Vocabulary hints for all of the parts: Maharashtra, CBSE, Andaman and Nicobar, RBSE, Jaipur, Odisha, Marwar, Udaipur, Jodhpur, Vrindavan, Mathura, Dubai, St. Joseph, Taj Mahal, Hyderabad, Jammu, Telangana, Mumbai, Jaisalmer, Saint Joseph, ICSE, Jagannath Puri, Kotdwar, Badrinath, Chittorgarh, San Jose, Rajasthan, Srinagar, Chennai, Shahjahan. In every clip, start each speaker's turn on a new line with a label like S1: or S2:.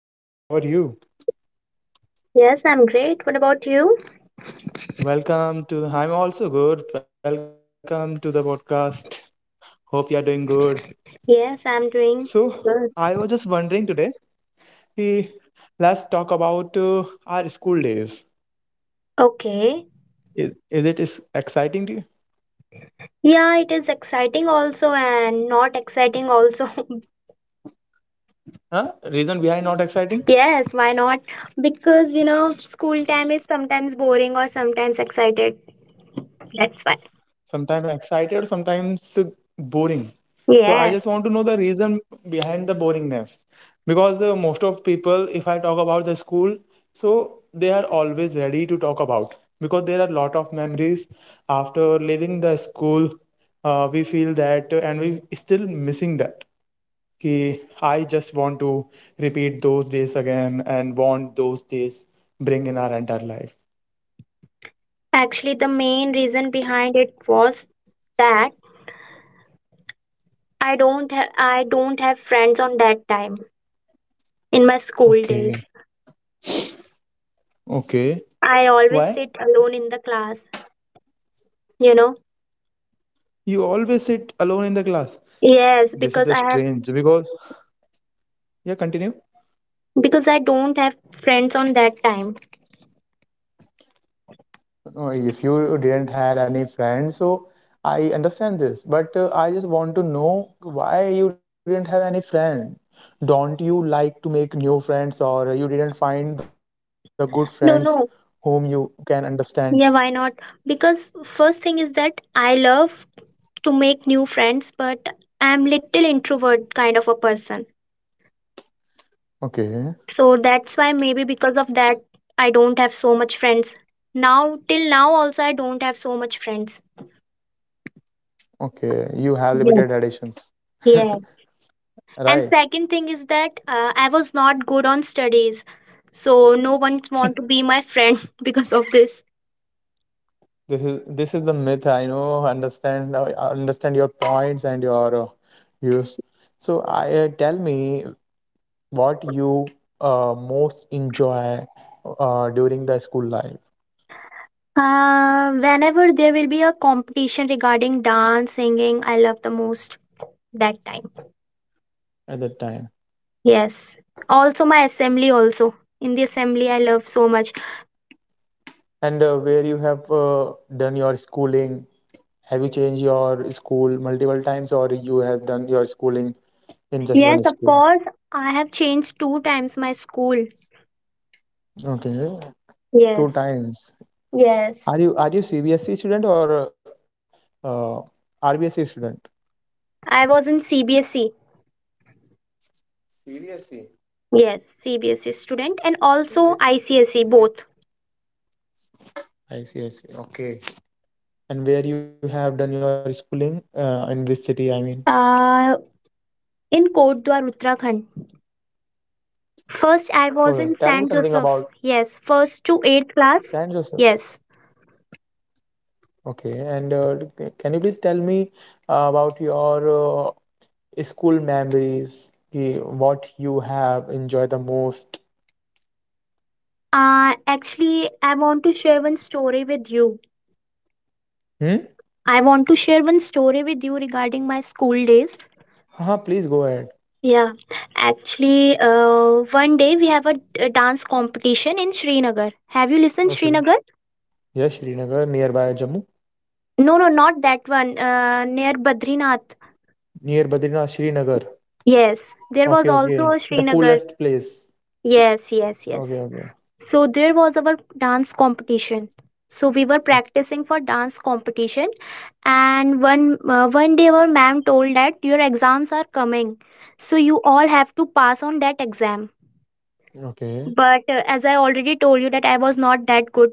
S1: Yeah, hi. How are you?
S2: Yes, I'm great. What about you?
S1: Welcome to the. I'm also good. Welcome to the podcast. Hope you're doing good.
S2: Yes, I'm doing
S1: So,
S2: good.
S1: I was just wondering today. eh, Let's talk about our school days.
S2: Okay.
S1: Is it is exciting to you?
S2: Yeah, it is exciting also and not exciting also.
S1: Huh? Reason behind not exciting?
S2: Yes, why not? Because, you know, school time is sometimes boring or sometimes excited. That's why.
S1: Sometimes excited, sometimes boring. So I just
S2: Yes.
S1: want to know the reason behind the boringness. Because most of people, if I talk about the school, so they are always ready to talk about. Because there are a lot of memories after leaving the school, we feel that and we still missing that. Ki, I just want to repeat those days again and want those days bring in our entire life.
S2: Actually, the main reason behind it was that I don't have friends on that time in my school
S1: Okay,
S2: days.
S1: okay.
S2: I always
S1: Why?
S2: sit alone in the class, you know.
S1: You always sit alone in the class.
S2: Yes,
S1: This is a strange because yeah, continue.
S2: because I don't have friends on that time.
S1: No, if you didn't had any friends, so I understand this, but I just want to know why you didn't have any friend. Don't you like to make new friends, or you didn't find the good friends whom
S2: No,
S1: you
S2: no.
S1: can understand?
S2: Yeah, why not? Because first thing is that I love to make new friends, but I'm little introvert kind of a person.
S1: Okay,
S2: So that's why maybe because of that I don't have so much friends. Now till now also I don't have so much friends.
S1: okay, you have
S2: Yes.
S1: limited additions,
S2: Yes. And
S1: right?
S2: second thing is that I was not good on studies. So no one want to be my friend because of this.
S1: This is the myth. I understand your points and your views. So, I tell me what you most enjoy during the school life
S2: Whenever there will be a competition regarding dance, singing, I love the most that time.
S1: at that time,
S2: Yes. Also, my assembly, also. In the assembly, I love so much.
S1: and where you have done your schooling. Have you changed your school multiple times, or you have done your schooling in just one
S2: Yes, of
S1: school?
S2: course. I have changed two times my school.
S1: Okay, two
S2: Yes.
S1: times.
S2: Yes.
S1: Are you CBSE student or uh, RBSE student?
S2: I was in CBSE.
S1: Seriously?
S2: Yes, CBSE student and also
S1: It, it,
S2: ICSE both.
S1: I see, I see. Okay. And where you have done your schooling? In which city, I mean?
S2: Uh, in Kotdwar, Uttarakhand. First,
S1: Oh,
S2: I
S1: tell me
S2: was in
S1: something
S2: St.
S1: about
S2: Joseph. Yes, first to eighth
S1: San
S2: class.
S1: Jose.
S2: Yes.
S1: Okay. And can you please tell me about your school memories? Ki what you have enjoyed the most?
S2: Actually, I want to share one story with you.
S1: Hmm?
S2: I want to share one story with you regarding my school days.
S1: Huh, please go ahead.
S2: Yeah, actually, one day we have a dance competition in Srinagar. Have you listened
S1: Okay.
S2: Srinagar?
S1: Yeah, Srinagar, nearby Jammu.
S2: No, no, not that one. Near Badrinath.
S1: Near Badrinath, Srinagar.
S2: Yes, there was
S1: Okay,
S2: also
S1: okay.
S2: a
S1: The
S2: Srinagar.
S1: coolest place.
S2: Yes, yes,
S1: Okay,
S2: yes.
S1: okay.
S2: So there was our dance competition. So we were practicing for dance competition, and one day our ma'am told that your exams are coming, so you all have to pass on that exam.
S1: Okay,
S2: But as I already told you that I was not that good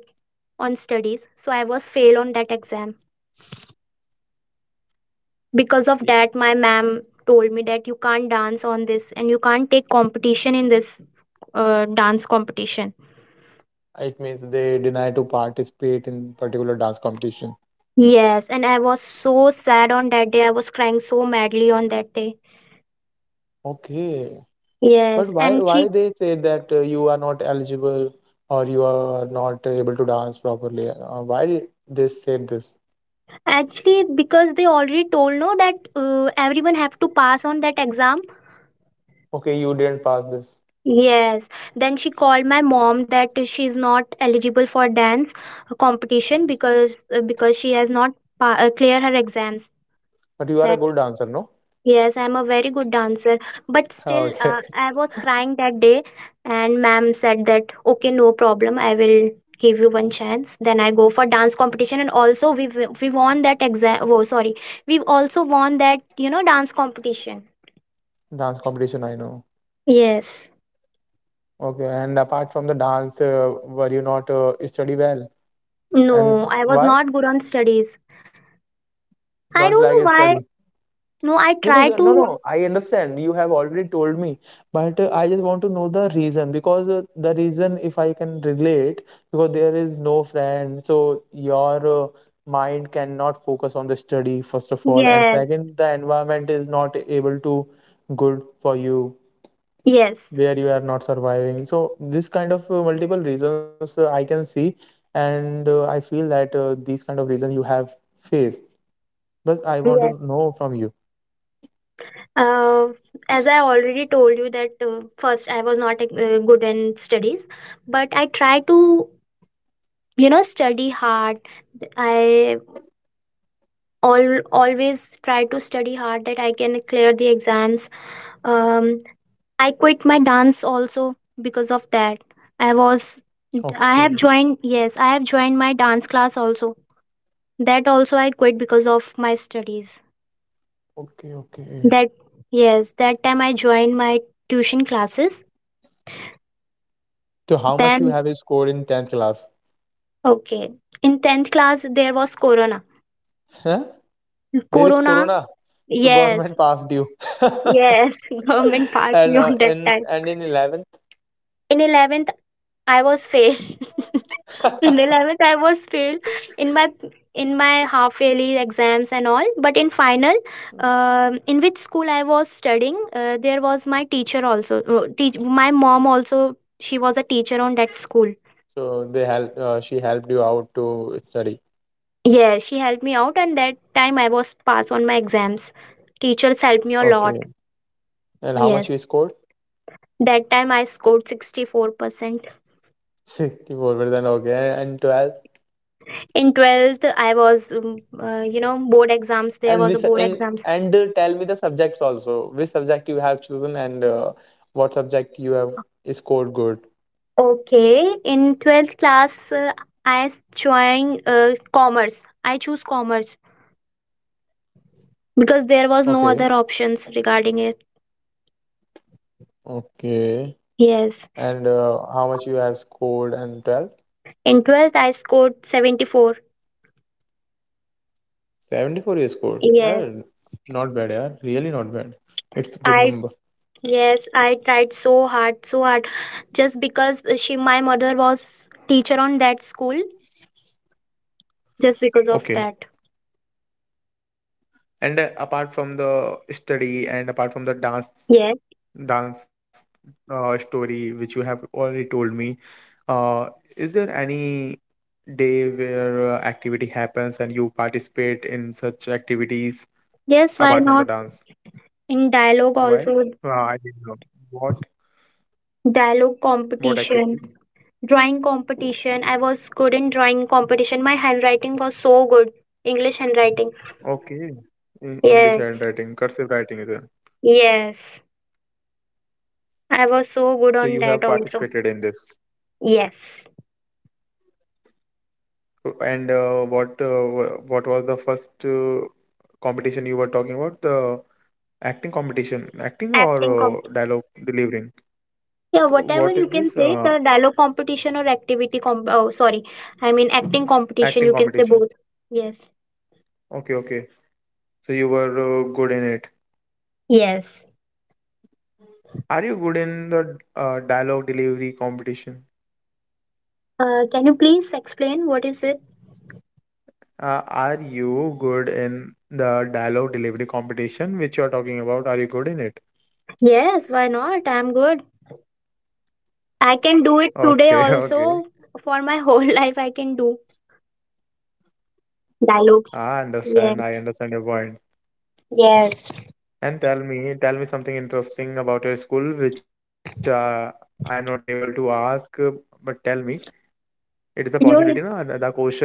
S2: on studies, so I was fail on that exam. Because of
S1: okay.
S2: that, my ma'am told me that you can't dance on this and you can't take competition in this dance competition.
S1: It means they deny to participate in particular dance competition.
S2: Yes, and I was so sad on that day. I was crying so madly on that day.
S1: Okay. But
S2: Yes,
S1: why
S2: and
S1: why
S2: she.
S1: they say that you are not eligible or you are not able to dance properly? Why they said this?
S2: Actually, because they already told no that everyone have to pass on that exam.
S1: Okay, you didn't pass this,
S2: Yes, then she called my mom that she's not eligible for dance competition because she has not clear her exams.
S1: but you are a
S2: That.
S1: good dancer, no?
S2: Yes, I'm a very good dancer, but still,
S1: Okay.
S2: I was crying that day, and ma'am said that, okay, no problem, I will give you one chance. Then I go for dance competition, and also we won that exam. Oh, sorry, we also won that dance competition.
S1: Dance competition, I know.
S2: Yes.
S1: Okay, and apart from the dance, were you not study well? And
S2: No, I was
S1: why
S2: not good on studies. I
S1: don't you
S2: don't know
S1: like
S2: why.
S1: study?
S2: No, I
S1: Because
S2: try
S1: no,
S2: to.
S1: no, I understand. You have already told me, but I just want to know the reason. Because the reason, if I can relate, because there is no friend, so your mind cannot focus on the study, first of all, and
S2: Yes.
S1: second, the environment is not able to good for you
S2: Yes.
S1: where you are not surviving. So this kind of multiple reasons I can see, and I feel that these kind of reasons you have faced. But I want to know from you.
S2: uh, as I already told you that first I was not good in studies, but I try to study hard. I always try to study hard that I can clear the exams. um, I quit my dance also because of that. i was I have
S1: Okay.
S2: joined. Yes, I have joined my dance class also. That also I quit because of my studies
S1: Okay, okay.
S2: that Yes, that time I joined my tuition classes.
S1: So how much you
S2: Then
S1: have scored in 10th class?
S2: okay. In 10th class, there was Corona.
S1: Huh? There is
S2: Corona,
S1: corona. So
S2: yes,
S1: government passed you.
S2: yes, government passed
S1: And
S2: me on that time.
S1: in 11th.
S2: In 11th, I was fail. In 11th, I was fail in my half yearly exams and all. But in final, in which school I was studying, there was my teacher also. My mom also, she was a teacher on that school.
S1: So they help she helped you out to study.
S2: Yeah, she helped me out, and that time I was pass on my exams. Teachers helped me a
S1: Okay.
S2: lot.
S1: And how much you
S2: Yes.
S1: scored?
S2: That time I scored 64%
S1: 64%. Okay. And 12.
S2: in 12th. I was, board exams, there
S1: And
S2: was
S1: which
S2: a board
S1: in
S2: exams.
S1: and tell me the subjects also. Which subject you have chosen and what subject you have scored good.
S2: Okay. In 12th class, I joined commerce. I choose commerce because there was
S1: Okay.
S2: no other options regarding it.
S1: Okay.
S2: Yes.
S1: And how much you have scored and 12?
S2: In 12th, I scored 74.
S1: 74 you scored. Yeah,
S2: Yes,
S1: not bad, yeah. Really not bad. It's
S2: i
S1: good number.
S2: yes I tried so hard, so hard, just because, she my mother was teacher on that school, just because
S1: Okay.
S2: of that.
S1: And apart from the study and apart from the dance
S2: Yes.
S1: dance story which you have already told me, uh, is there any day where activity happens and you participate in such activities apart from the
S2: Yes, why
S1: dance?
S2: not? In dialogue
S1: Why?
S2: also.
S1: I didn't know. What?
S2: Dialogue
S1: What activity?
S2: competition. Drawing competition, I was good in drawing competition. My handwriting was so good. English handwriting.
S1: Okay. English
S2: Yes.
S1: handwriting, cursive writing is it?
S2: Yes, I was so good
S1: So
S2: on
S1: you have
S2: that also.
S1: participated in this.
S2: Yes,
S1: And what was the first competition you were talking about? The acting competition, acting or
S2: acting competition.
S1: dialogue delivering?
S2: Yeah,
S1: So
S2: whatever
S1: what
S2: you
S1: is
S2: can
S1: this
S2: say, the dialogue competition or oh, sorry, I mean acting
S1: acting
S2: competition. You can say
S1: competition?
S2: both. Yes
S1: Okay, okay. So you were good in it.
S2: Yes.
S1: Are you good in the dialogue delivery competition?
S2: Can you please explain what is it?
S1: Are you good in the dialogue delivery competition which you are talking about? Are you good in it?
S2: Yes, why not? I'm good. I can do it
S1: Okay,
S2: today
S1: okay.
S2: also, for my whole life. I can do dialogues.
S1: I understand.
S2: Yes.
S1: I understand your point.
S2: Yes.
S1: And tell me something interesting about your school, which I'm not able to ask. But tell me, it is a possibility, no? The
S2: You
S1: the question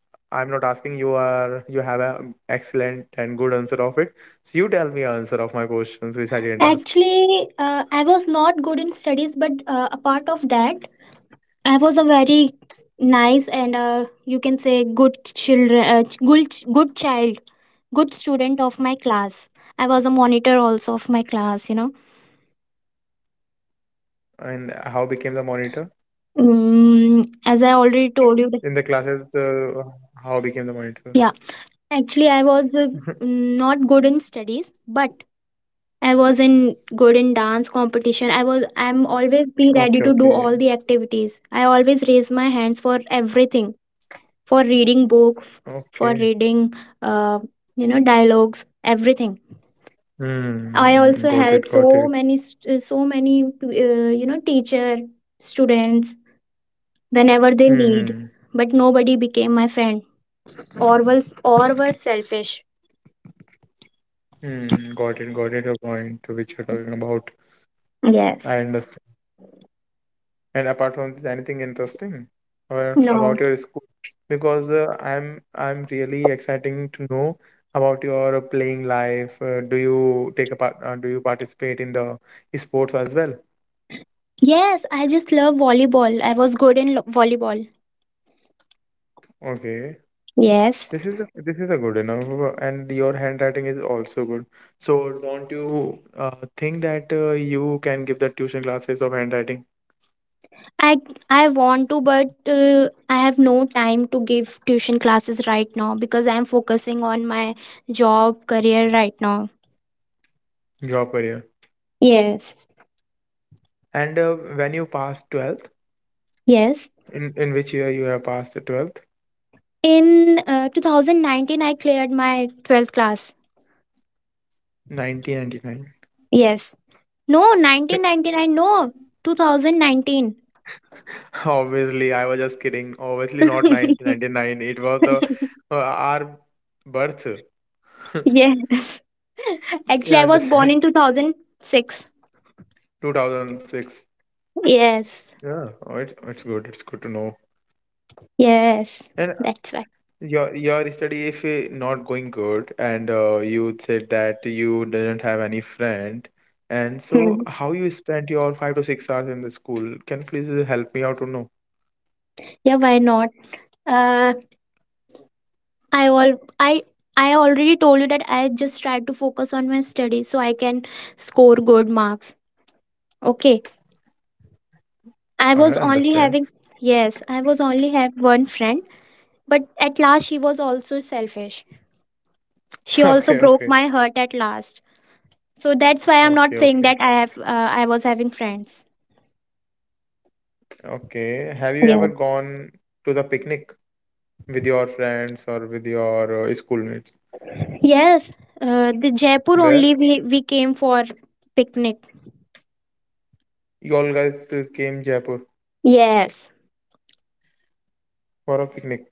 S1: I'm not asking you are you have a excellent and good answer of it. So you tell me answer of my questions which I didn't ask.
S2: Actually, I was not good in studies, but apart of that, I was a very nice and, you can say, good child, good student of my class. I was a monitor also of my class. You know,
S1: And how became the monitor
S2: as I already told you.
S1: in the classes? How became the monitor?
S2: Yeah, actually, I was not good in studies, but I was in good in dance competition. I'm always be
S1: Okay,
S2: ready to do
S1: okay,
S2: all the activities. I always raise my hands for everything, for reading book,
S1: okay.
S2: for reading uh, dialogues, everything.
S1: Hmm.
S2: I
S1: Hmm, hmm,
S2: also
S1: got it.
S2: helped
S1: Got it.
S2: so many teacher students whenever they
S1: Hmm.
S2: need,
S1: Hmm.
S2: but nobody became my friend or was or were selfish.
S1: Hmm, got it, got it. Your point, to which you're talking about. I
S2: Yes.
S1: understand. And apart from this, anything interesting about
S2: No.
S1: your school? Because I'm really exciting to know about your playing life. Do you take a part? Do you participate in the sports as well?
S2: Yes, I just love volleyball. I was good in volleyball.
S1: Okay,
S2: Yes.
S1: this is a good enough, and your handwriting is also good. So don't you uh, think that you can give the tuition classes of handwriting
S2: I I want to, but I have no time to give tuition classes right now because I'm focusing on my job career right now.
S1: your career?
S2: Yes,
S1: And when you pass 12,
S2: Yes.
S1: in which year you have passed the 12th?
S2: In 2019, I cleared my 12th class.
S1: 1999.
S2: Yes. No, 1999. No, 2019.
S1: Obviously, I was just kidding. Obviously, not 1999. It was the our birth.
S2: Yes. Actually, I
S1: Yeah,
S2: was born in
S1: understand.
S2: 2006.
S1: 2006.
S2: Yes.
S1: Yeah, oh, it's good. It's good to know.
S2: Yes.
S1: And
S2: That's why.
S1: your study, if not going good, and you said that you didn't have any friend, and so
S2: Hmm.
S1: how you spent your 5 to 6 hours in the school? Can you please help me out to know?
S2: Yeah, why not? Uh, I all I I already told you that I just tried to focus on my studies so I can score good marks. Okay.
S1: I
S2: I was
S1: understand.
S2: only having Yes, I was only have one friend, but at last she was also selfish. She also
S1: Okay,
S2: broke
S1: okay.
S2: my heart at last. So that's why I'm
S1: Okay,
S2: not
S1: okay,
S2: saying that I was having friends.
S1: okay. Have you ever
S2: Yes.
S1: gone to the picnic with your friends or with your schoolmates?
S2: Yes. The Jaipur
S1: Where
S2: only we came for picnic.
S1: you all guys came Jaipur
S2: Yes.
S1: for a picnic?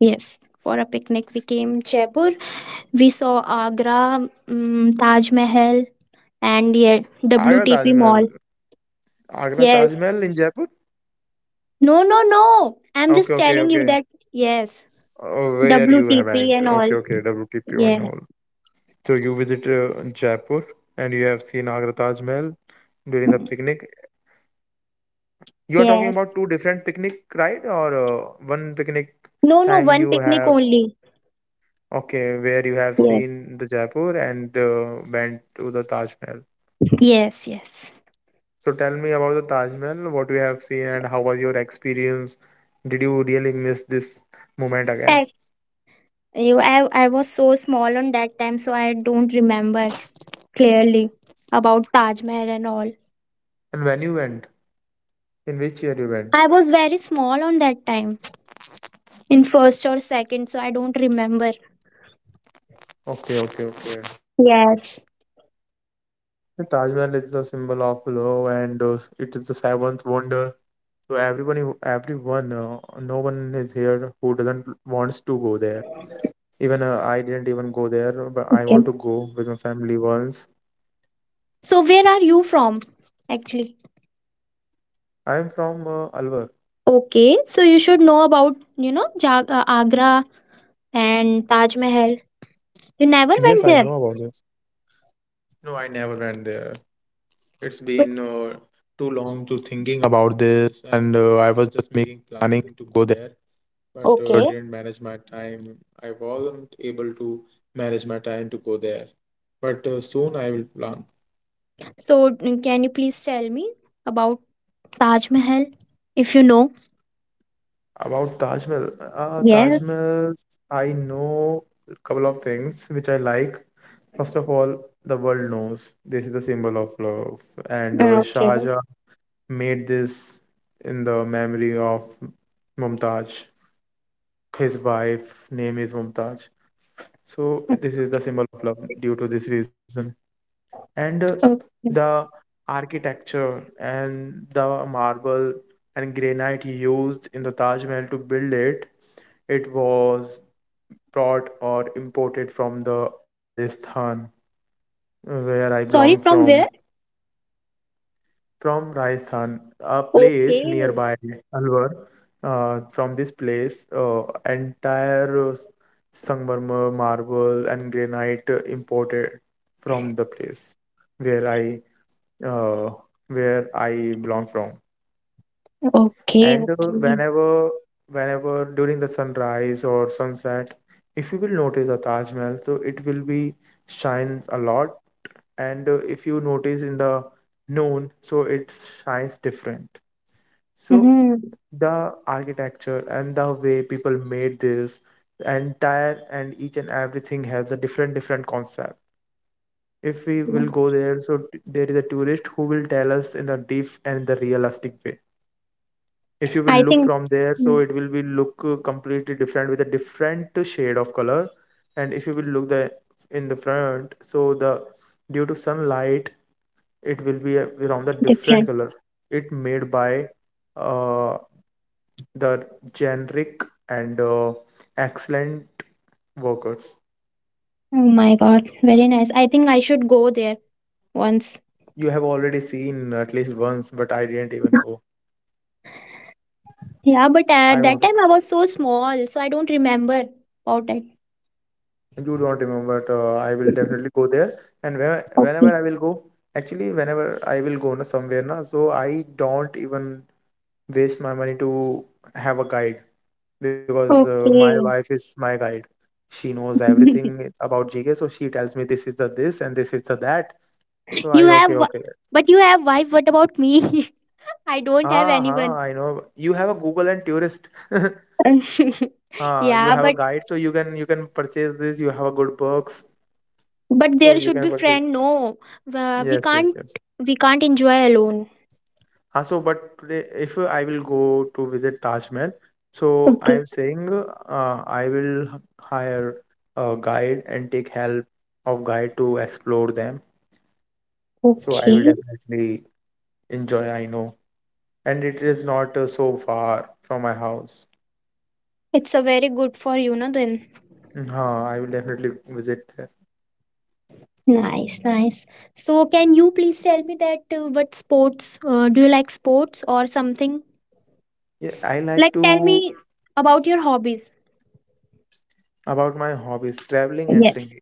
S2: Yes. For a picnic we came Jaipur. We saw Agra, Taj Mahal, and yeah,
S1: Agra Taj
S2: WTP
S1: Mahal.
S2: Mall.
S1: Agra Taj
S2: Yes.
S1: Mahal in Jaipur?
S2: No, no, no. I'm
S1: Okay,
S2: just
S1: okay,
S2: telling you
S1: okay.
S2: that. Yes.
S1: Oh, where you
S2: WTP
S1: haven't?
S2: and
S1: Okay,
S2: all.
S1: okay. WTP and
S2: Yeah.
S1: all. So you visit Jaipur and you have seen Agra Taj Mahal during the picnic. You are talking about
S2: Yes.
S1: two different picnic, right? Or one picnic
S2: No, no.
S1: time
S2: One
S1: you
S2: picnic
S1: have
S2: only.
S1: okay, where you have
S2: Yes.
S1: seen the Jaipur and went to the Taj Mahal.
S2: Yes, yes.
S1: So tell me about the Taj Mahal, what you have seen and how was your experience? Did you really miss this moment again?
S2: I, I was so small on that time, so I don't remember clearly about Taj Mahal and all.
S1: And when you went, in which year you went?
S2: I was very small on that time in first or second, so I don't remember.
S1: Okay, okay, okay.
S2: Yes.
S1: The Taj Mahal is the symbol of love and it is the seventh wonder. So everyone, no one is here who doesn't wants to go there. Even I didn't even go there, but I want to go with my family once.
S2: So where are you from actually?
S1: I'm from Alwar.
S2: Okay, so you should know about, Agra and Taj Mahal. You never went
S1: Yes,
S2: there.
S1: I know about this. No, I never went there. It's
S2: So,
S1: been too long to thinking about this, and I was just making planning to go there, but
S2: okay.
S1: didn't manage my time. I wasn't able to manage my time to go there, but soon I will plan.
S2: So can you please tell me about Taj Mahal if you know?
S1: About Taj Mahal, uh, Taj
S2: Yes.
S1: Mahal, I know a couple of things which I like. First of all, the world knows this is the symbol of love, and
S2: Okay.
S1: Shahjahan made this in the memory of Mumtaz. His wife name is Mumtaz. So this is the symbol of love due to this reason. And
S2: Okay.
S1: the architecture and the marble and granite used in the Taj Mahal to build it, it was brought or imported from the Rajasthan where I
S2: Sorry,
S1: belong
S2: from where?
S1: from. From Rajasthan, a place
S2: Okay.
S1: nearby Alwar. From this place, entire Sangmarmar, marble, and granite imported from the place where I uh, where I belong from.
S2: Okay,
S1: And
S2: okay.
S1: whenever during the sunrise or sunset, if you will notice the Taj Mahal, so it will be shines a lot. And if you notice in the noon, so it shines different. So
S2: hmm
S1: the architecture and the way people made this, the entire and each and everything has a different different concept. If we will go there, so there is a tourist who will tell us in the deep and the realistic way. If you
S2: I
S1: will look
S2: think,
S1: from there,
S2: mm,
S1: so it will be look completely different with a different shade of color. And if you will look the in the front, so the due to sunlight, it will be around the different
S2: different.
S1: color. It made by uh, the generic and excellent workers.
S2: Oh my God, very nice. I think I should go there once.
S1: You have already seen at least once, but I didn't even go.
S2: Yeah, but
S1: I want
S2: that
S1: to.
S2: time I was so small, so I don't remember about it.
S1: You don't remember, but I will definitely go there. And whenever
S2: Okay.
S1: I will go, actually, whenever I will go na, somewhere, na, so I don't even waste my money to have a guide because my wife
S2: Okay.
S1: is my guide. She knows everything about GK, so she tells me this is the this and this is the that. So
S2: you
S1: I
S2: have,
S1: okay,
S2: wi-
S1: okay.
S2: but you have wife. What about me? I don't have
S1: Ah,
S2: anyone.
S1: huh, I know. You have a Google and Tourist. Ah, you
S2: Yeah,
S1: have a
S2: but
S1: guide, so you can purchase this. You have a good books, so
S2: there
S1: you
S2: should
S1: can
S2: be
S1: purchase.
S2: friend. No, uh, we
S1: Yes, yes,
S2: can't
S1: yes.
S2: we can't enjoy alone.
S1: Ah, so but today, if I will go to visit Taj Mahal, so I
S2: Okay.
S1: am saying, I will hire a guide and take help of guide to explore them. So I will
S2: Okay.
S1: definitely enjoy. I know, and it is not so far from my house.
S2: It's a very good for you, no? Then
S1: Ah, I will definitely visit there.
S2: nice, nice. So, can you please tell me that what sports, do you like sports or something?
S1: Yeah, I like
S2: Like, tell
S1: to.
S2: me about your hobbies.
S1: About my hobbies, traveling and
S2: Yes.
S1: singing,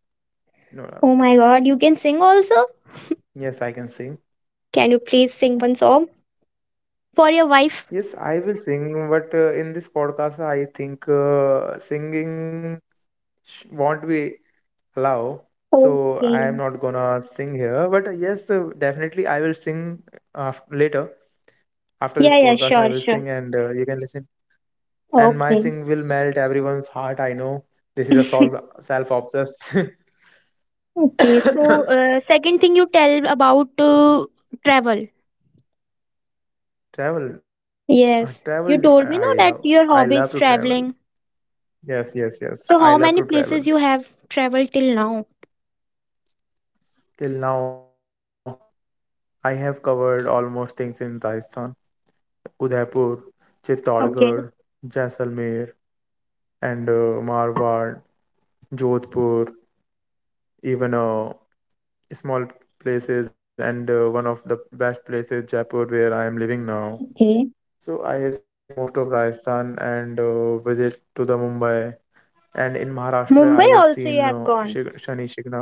S1: no doubt.
S2: Oh my god, you can sing also?
S1: Yes, I can sing.
S2: Can you please sing one song for your wife?
S1: Yes, I will sing, but in this podcast, I think singing won't be allowed, so I am
S2: Okay.
S1: not gonna sing here, but yes, definitely I will sing af later. After
S2: Yeah,
S1: this
S2: yeah,
S1: podcast, I
S2: sure,
S1: will
S2: sure.
S1: sing, and you can listen. And my
S2: Okay.
S1: sing will melt everyone's heart. I know, this is a solve self-obsessed.
S2: Okay, so second thing you tell about travel.
S1: Travel. uh, travel
S2: Yes, you
S1: i
S2: told me
S1: love
S2: no that
S1: I
S2: your
S1: love to
S2: hobby is
S1: travel.
S2: traveling.
S1: Yes, yes, yes. I
S2: So how
S1: love to
S2: many
S1: travel.
S2: places you have traveled till now?
S1: Till now, I have covered almost things in Rajasthan, Udaipur, Chittorgarh,
S2: Okay.
S1: Jaisalmer, and Marwar, Jodhpur, even small places, and one of the best places, Jaipur, where I am living now.
S2: Okay.
S1: So I have seen most of Rajasthan and visit to the Mumbai. And in Maharashtra, I
S2: Mumbai
S1: have
S2: also
S1: seen
S2: you have gone.
S1: Shani Shignap.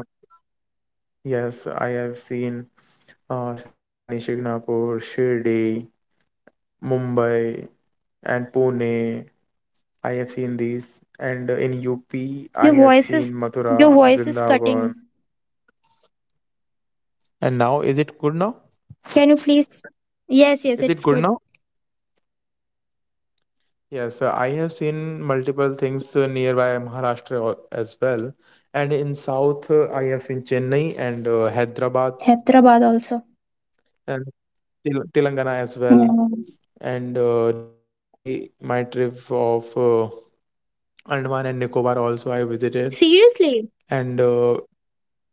S1: Yes, I have seen Shani Shignapur, Shirdi, Mumbai, and Pune. I have seen these, and in UP, I have
S2: Your
S1: seen
S2: voice is
S1: Mathura,
S2: your voice is
S1: Vrindavan.
S2: cutting.
S1: And now, is it good now?
S2: Can you please? Yes,
S1: Is
S2: yes,
S1: it good
S2: it's
S1: now?
S2: good.
S1: Yes, I have seen multiple things nearby Maharashtra as well. And in South, I have seen Chennai and Hyderabad
S2: Hyderabad also.
S1: and Telangana as
S2: Yeah.
S1: well. And recently, my trip of Andaman and Nicobar also I visited.
S2: Seriously?
S1: And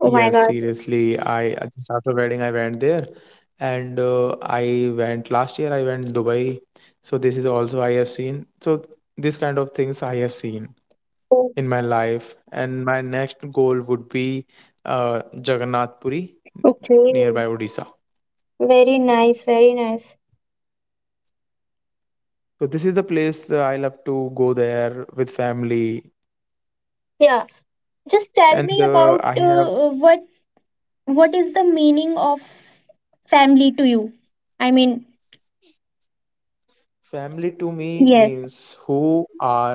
S2: Oh my god.
S1: seriously. I just after wedding, I went there, and I went last year. I went Dubai, so this is also I have seen. So this kind of things I have seen
S2: Oh,
S1: in my life, and my next goal would be Jagannath Puri,
S2: okay.
S1: nearby Odisha.
S2: Very nice, very nice.
S1: So this is the place that I love to go there with family,
S2: Yeah. Just tell
S1: and
S2: me about
S1: I have.
S2: what is the meaning of Family to you. I mean,
S1: Family to me
S2: yes.
S1: means who are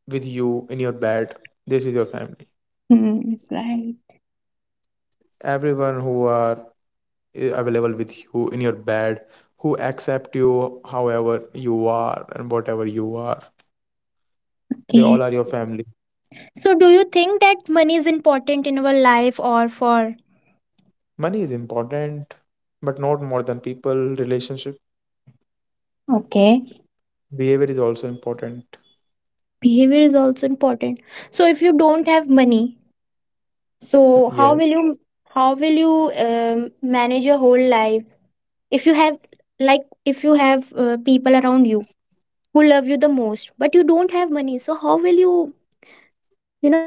S1: with you in your bed. This is your family.
S2: Hmm, right.
S1: Everyone who are available with you in your bed, who accept you however you are and whatever you are, they all
S2: Yes.
S1: are your family.
S2: So, do you think that money is important in our life, or for?
S1: Money is important, but not more than people relationship.
S2: Okay.
S1: Behavior is also important.
S2: Behavior is also important? So if you don't have money, so how will you
S1: Yes.
S2: how will you um, manage your whole life if you have, like, if you have people around you who love you the most, but you don't have money, so how will you you know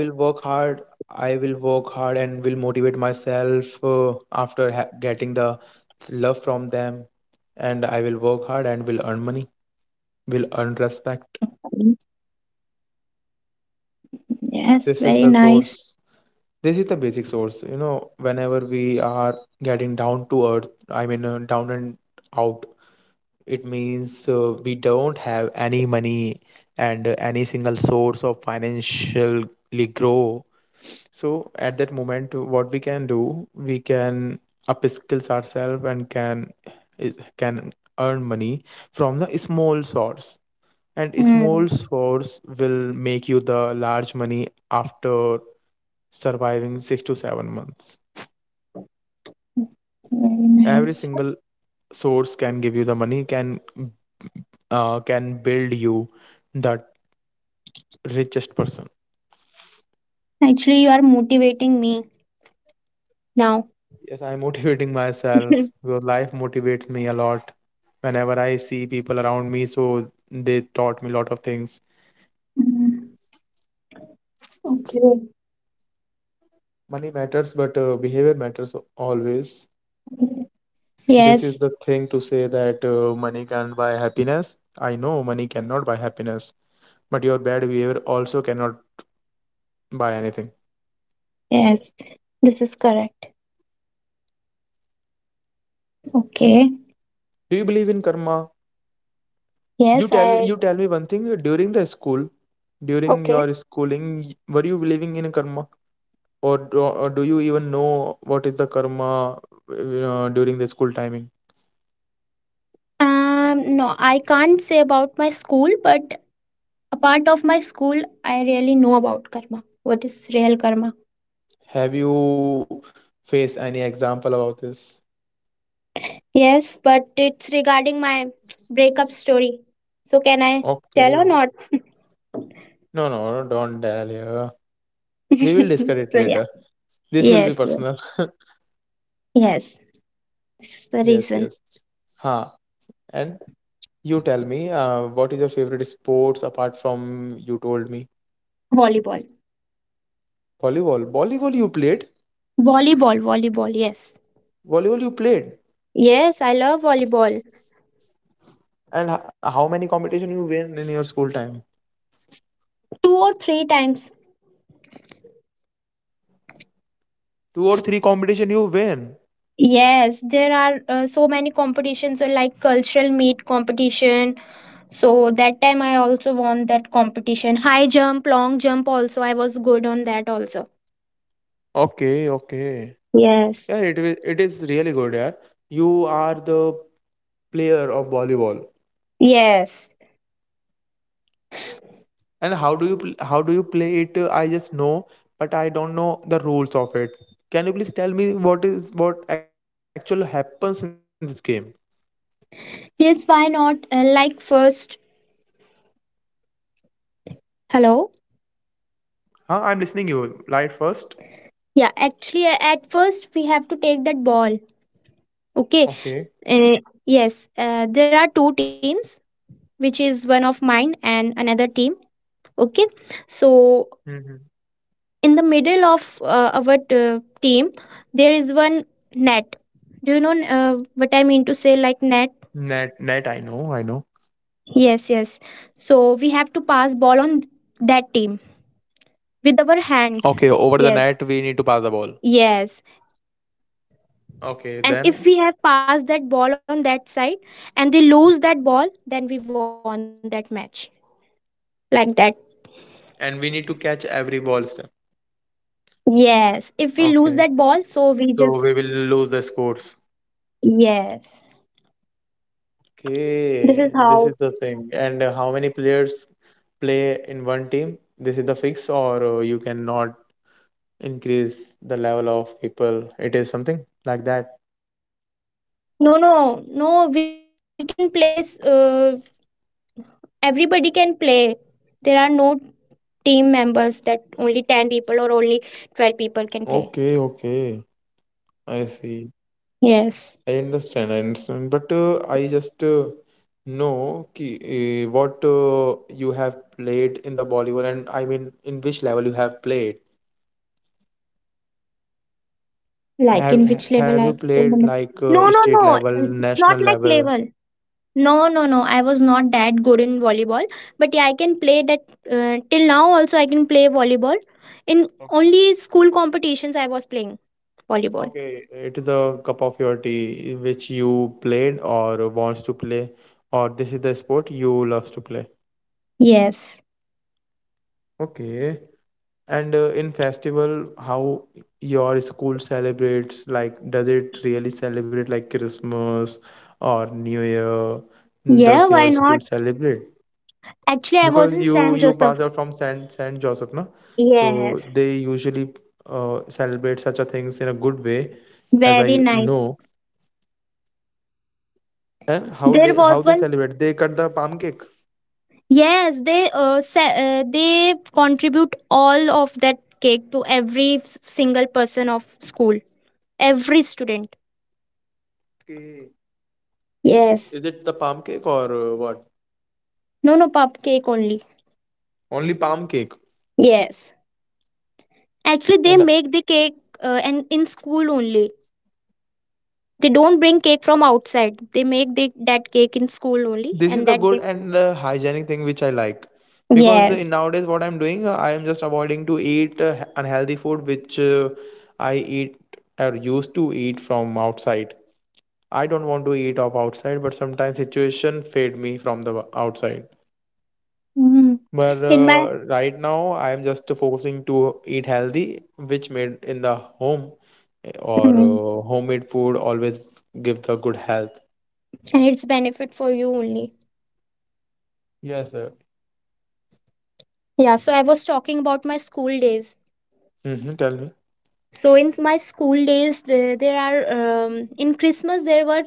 S1: I will work hard. I will work hard and will motivate myself after getting the love from them. And I will work hard and will earn money, will earn
S2: Mm,
S1: respect.
S2: yes, very
S1: This
S2: nice.
S1: is the source. This is the basic source. Whenever we are getting down to earth, I mean, down and out, it means we don't have any money and any single source of financially grow. So at that moment, what we can do, we can upskills ourselves and can earn money from the small source. And
S2: Mm,
S1: small source will make you the large money after surviving 6 to 7 months.
S2: very
S1: Every
S2: nice.
S1: single source can give you the money, can build you that richest person.
S2: Actually, you are motivating me now.
S1: Yes, I'm motivating myself because life motivates me a lot. Whenever I see people around me, so they taught me a lot of things.
S2: Okay.
S1: Money matters, but behavior matters always. This is
S2: Yes,
S1: the thing to say that money can buy happiness. I know money cannot buy happiness, but your bad behavior also cannot buy anything.
S2: yes. This is correct. Okay.
S1: Do you believe in karma?
S2: Yes,
S1: You tell
S2: I
S1: you tell me one thing. During the school, during
S2: okay.
S1: your schooling, were you believing in karma, or do you even know what is the karma during the school timing?
S2: No, I can't say about my school, but a part of my school I really know about karma. What is real karma?
S1: Have you faced any example about this?
S2: Yes, but it's regarding my breakup story. So can I tell
S1: Okay,
S2: or not?
S1: no, no, don't tell here. We will discuss it
S2: So
S1: later.
S2: yeah.
S1: This will be
S2: Yes,
S1: personal.
S2: yes. Yes. This is the
S1: Yes, yes.
S2: reason.
S1: Huh. And you tell me, what is your favorite sports apart from you told me?
S2: Volleyball.
S1: Volleyball. Volleyball you played?
S2: Volleyball, volleyball, yes.
S1: Volleyball you played?
S2: Yes, I love volleyball.
S1: And how many competition you win in your school time?
S2: Two or three times.
S1: Two or three competition you win.
S2: Yes, there are so many competitions, like cultural meet competition. So that time I also won that competition. High jump, long jump also. I was good on that also.
S1: Okay, okay.
S2: Yes.
S1: Yeah, it is really good. Yeah, you are the player of volleyball.
S2: Yes.
S1: And how do you play it? I just know, but I don't know the rules of it. Can you please tell me what actually happens in this game?
S2: Yes, why not? Like first. Hello?
S1: Huh? I'm listening you. Light first.
S2: Yeah, actually, at first we have to take that ball. Okay.
S1: Okay.
S2: Uh, yes, there are two teams, which is one of mine and another team, okay. So
S1: Hmm.
S2: in the middle of our team, there is one net. Do you know what I mean to say, like net?
S1: Net, net. I know, I know.
S2: Yes, yes. So we have to pass ball on that team with our
S1: Okay,
S2: hands.
S1: over the
S2: Yes,
S1: net we need to pass the ball.
S2: yes.
S1: Okay,
S2: And
S1: then,
S2: if we have passed that ball on that side and they lose that ball, then we won that match, like that.
S1: and we need to catch every ball.
S2: Yes, if we lose that
S1: Okay,
S2: ball, so we just.
S1: so we will lose the scores.
S2: Yes,
S1: Okay, this is
S2: this
S1: the
S2: is
S1: thing.
S2: how.
S1: And how many players play in one team? This is the fix, or you cannot increase the level of people. It is something like that.
S2: No, no, no. We can play. Everybody can play. There are no team members that only 10 people or only 12 people can play.
S1: Okay, okay. I see. I
S2: Yes.
S1: understand. I understand. But I just know ki, what you have played in the Bollywood, and I mean, in which level you have played.
S2: Like
S1: Have
S2: in which
S1: have
S2: level
S1: you
S2: I
S1: played
S2: don't understand.
S1: like
S2: No, no,
S1: state
S2: no.
S1: level,
S2: It's
S1: national
S2: not like
S1: level?
S2: level. No, no, no. I was not that good in volleyball, but yeah, I can play that till now. Also, I can play volleyball. In
S1: Okay,
S2: only
S1: okay.
S2: school competitions, I was playing volleyball.
S1: Okay, it is a cup of your tea which you played or wants to play, or this is the sport you loves to play.
S2: Yes.
S1: Okay. And in festival, how your school celebrates? Like, does it really celebrate like Christmas or New Year? Does
S2: Yeah.
S1: your
S2: Why
S1: school
S2: not?
S1: celebrate?
S2: Actually, I
S1: Because
S2: was in
S1: you
S2: San
S1: you pass
S2: Joseph.
S1: out from Saint Joseph, na, so
S2: Yes,
S1: they usually celebrate such a things in a good way, as I
S2: very nice.
S1: know. And how they
S2: There
S1: how they
S2: was one.
S1: celebrate? They cut the palm cake.
S2: Yes, they contribute all of that cake to every single person of school, every student.
S1: Okay.
S2: Yes.
S1: Is it the palm cake or what?
S2: No, no, pop cake only.
S1: Only palm cake.
S2: Yes. Actually, they
S1: And
S2: make the cake, and in school only. They don't bring cake from outside. They make that cake in school only,
S1: this is
S2: and
S1: the
S2: that
S1: good
S2: they.
S1: and hygienic thing which I like because
S2: Yes.
S1: nowadays what I'm doing, I am just avoiding to eat unhealthy food which I eat or used to eat from outside. I don't want to eat up outside, but sometimes situation fade me from the outside.
S2: Mm.
S1: But
S2: In my.
S1: right now, I am just focusing to eat healthy, which made in the home, or
S2: Mm.
S1: homemade food always give the good health.
S2: And it's benefit for you only.
S1: Yes, sir.
S2: Yeah, so I was talking about my school days.
S1: Hmm. Tell me.
S2: So in my school days, there are, in Christmas there were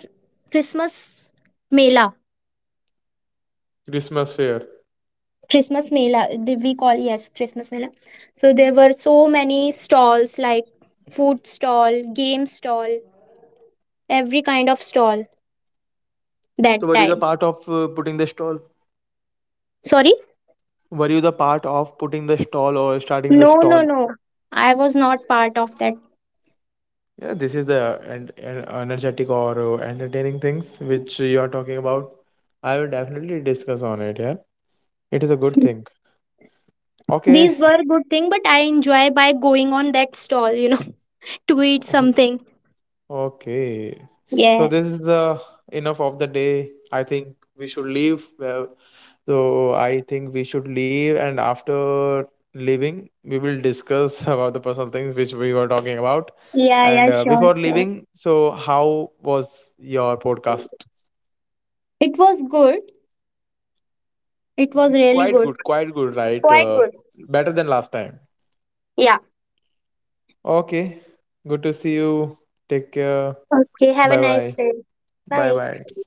S2: Christmas mela.
S1: Christmas fair.
S2: Christmas mela, we call, yes, Christmas mela. So there were so many stalls like food stall, game stall, every kind of stall
S1: So
S2: that
S1: were you the
S2: time.
S1: part of putting the stall?
S2: Sorry?
S1: Were you the part of putting the stall or starting the
S2: No, no,
S1: stall?
S2: no. I was not part of that.
S1: Yeah, this is the and energetic or entertaining things which you are talking about. I will definitely discuss on it. Yeah, it is a good thing. Okay,
S2: These were good thing, but I enjoy by going on that stall, to eat
S1: okay,
S2: something.
S1: okay. So
S2: Yeah.
S1: this is the enough of the day. I think we should leave. Well, so I think we should leave, and after leaving, we will discuss about the personal things which we were talking about.
S2: Yeah,
S1: And
S2: yeah, sure,
S1: before
S2: sure.
S1: leaving, so how was your podcast?
S2: It was good. It was really good.
S1: Quite good, right?
S2: Quite good.
S1: Better than last time.
S2: Yeah.
S1: Okay, good to see you. Take care.
S2: Okay. Have a
S1: Bye
S2: nice
S1: bye.
S2: day.
S1: Bye
S2: Bye.
S1: bye.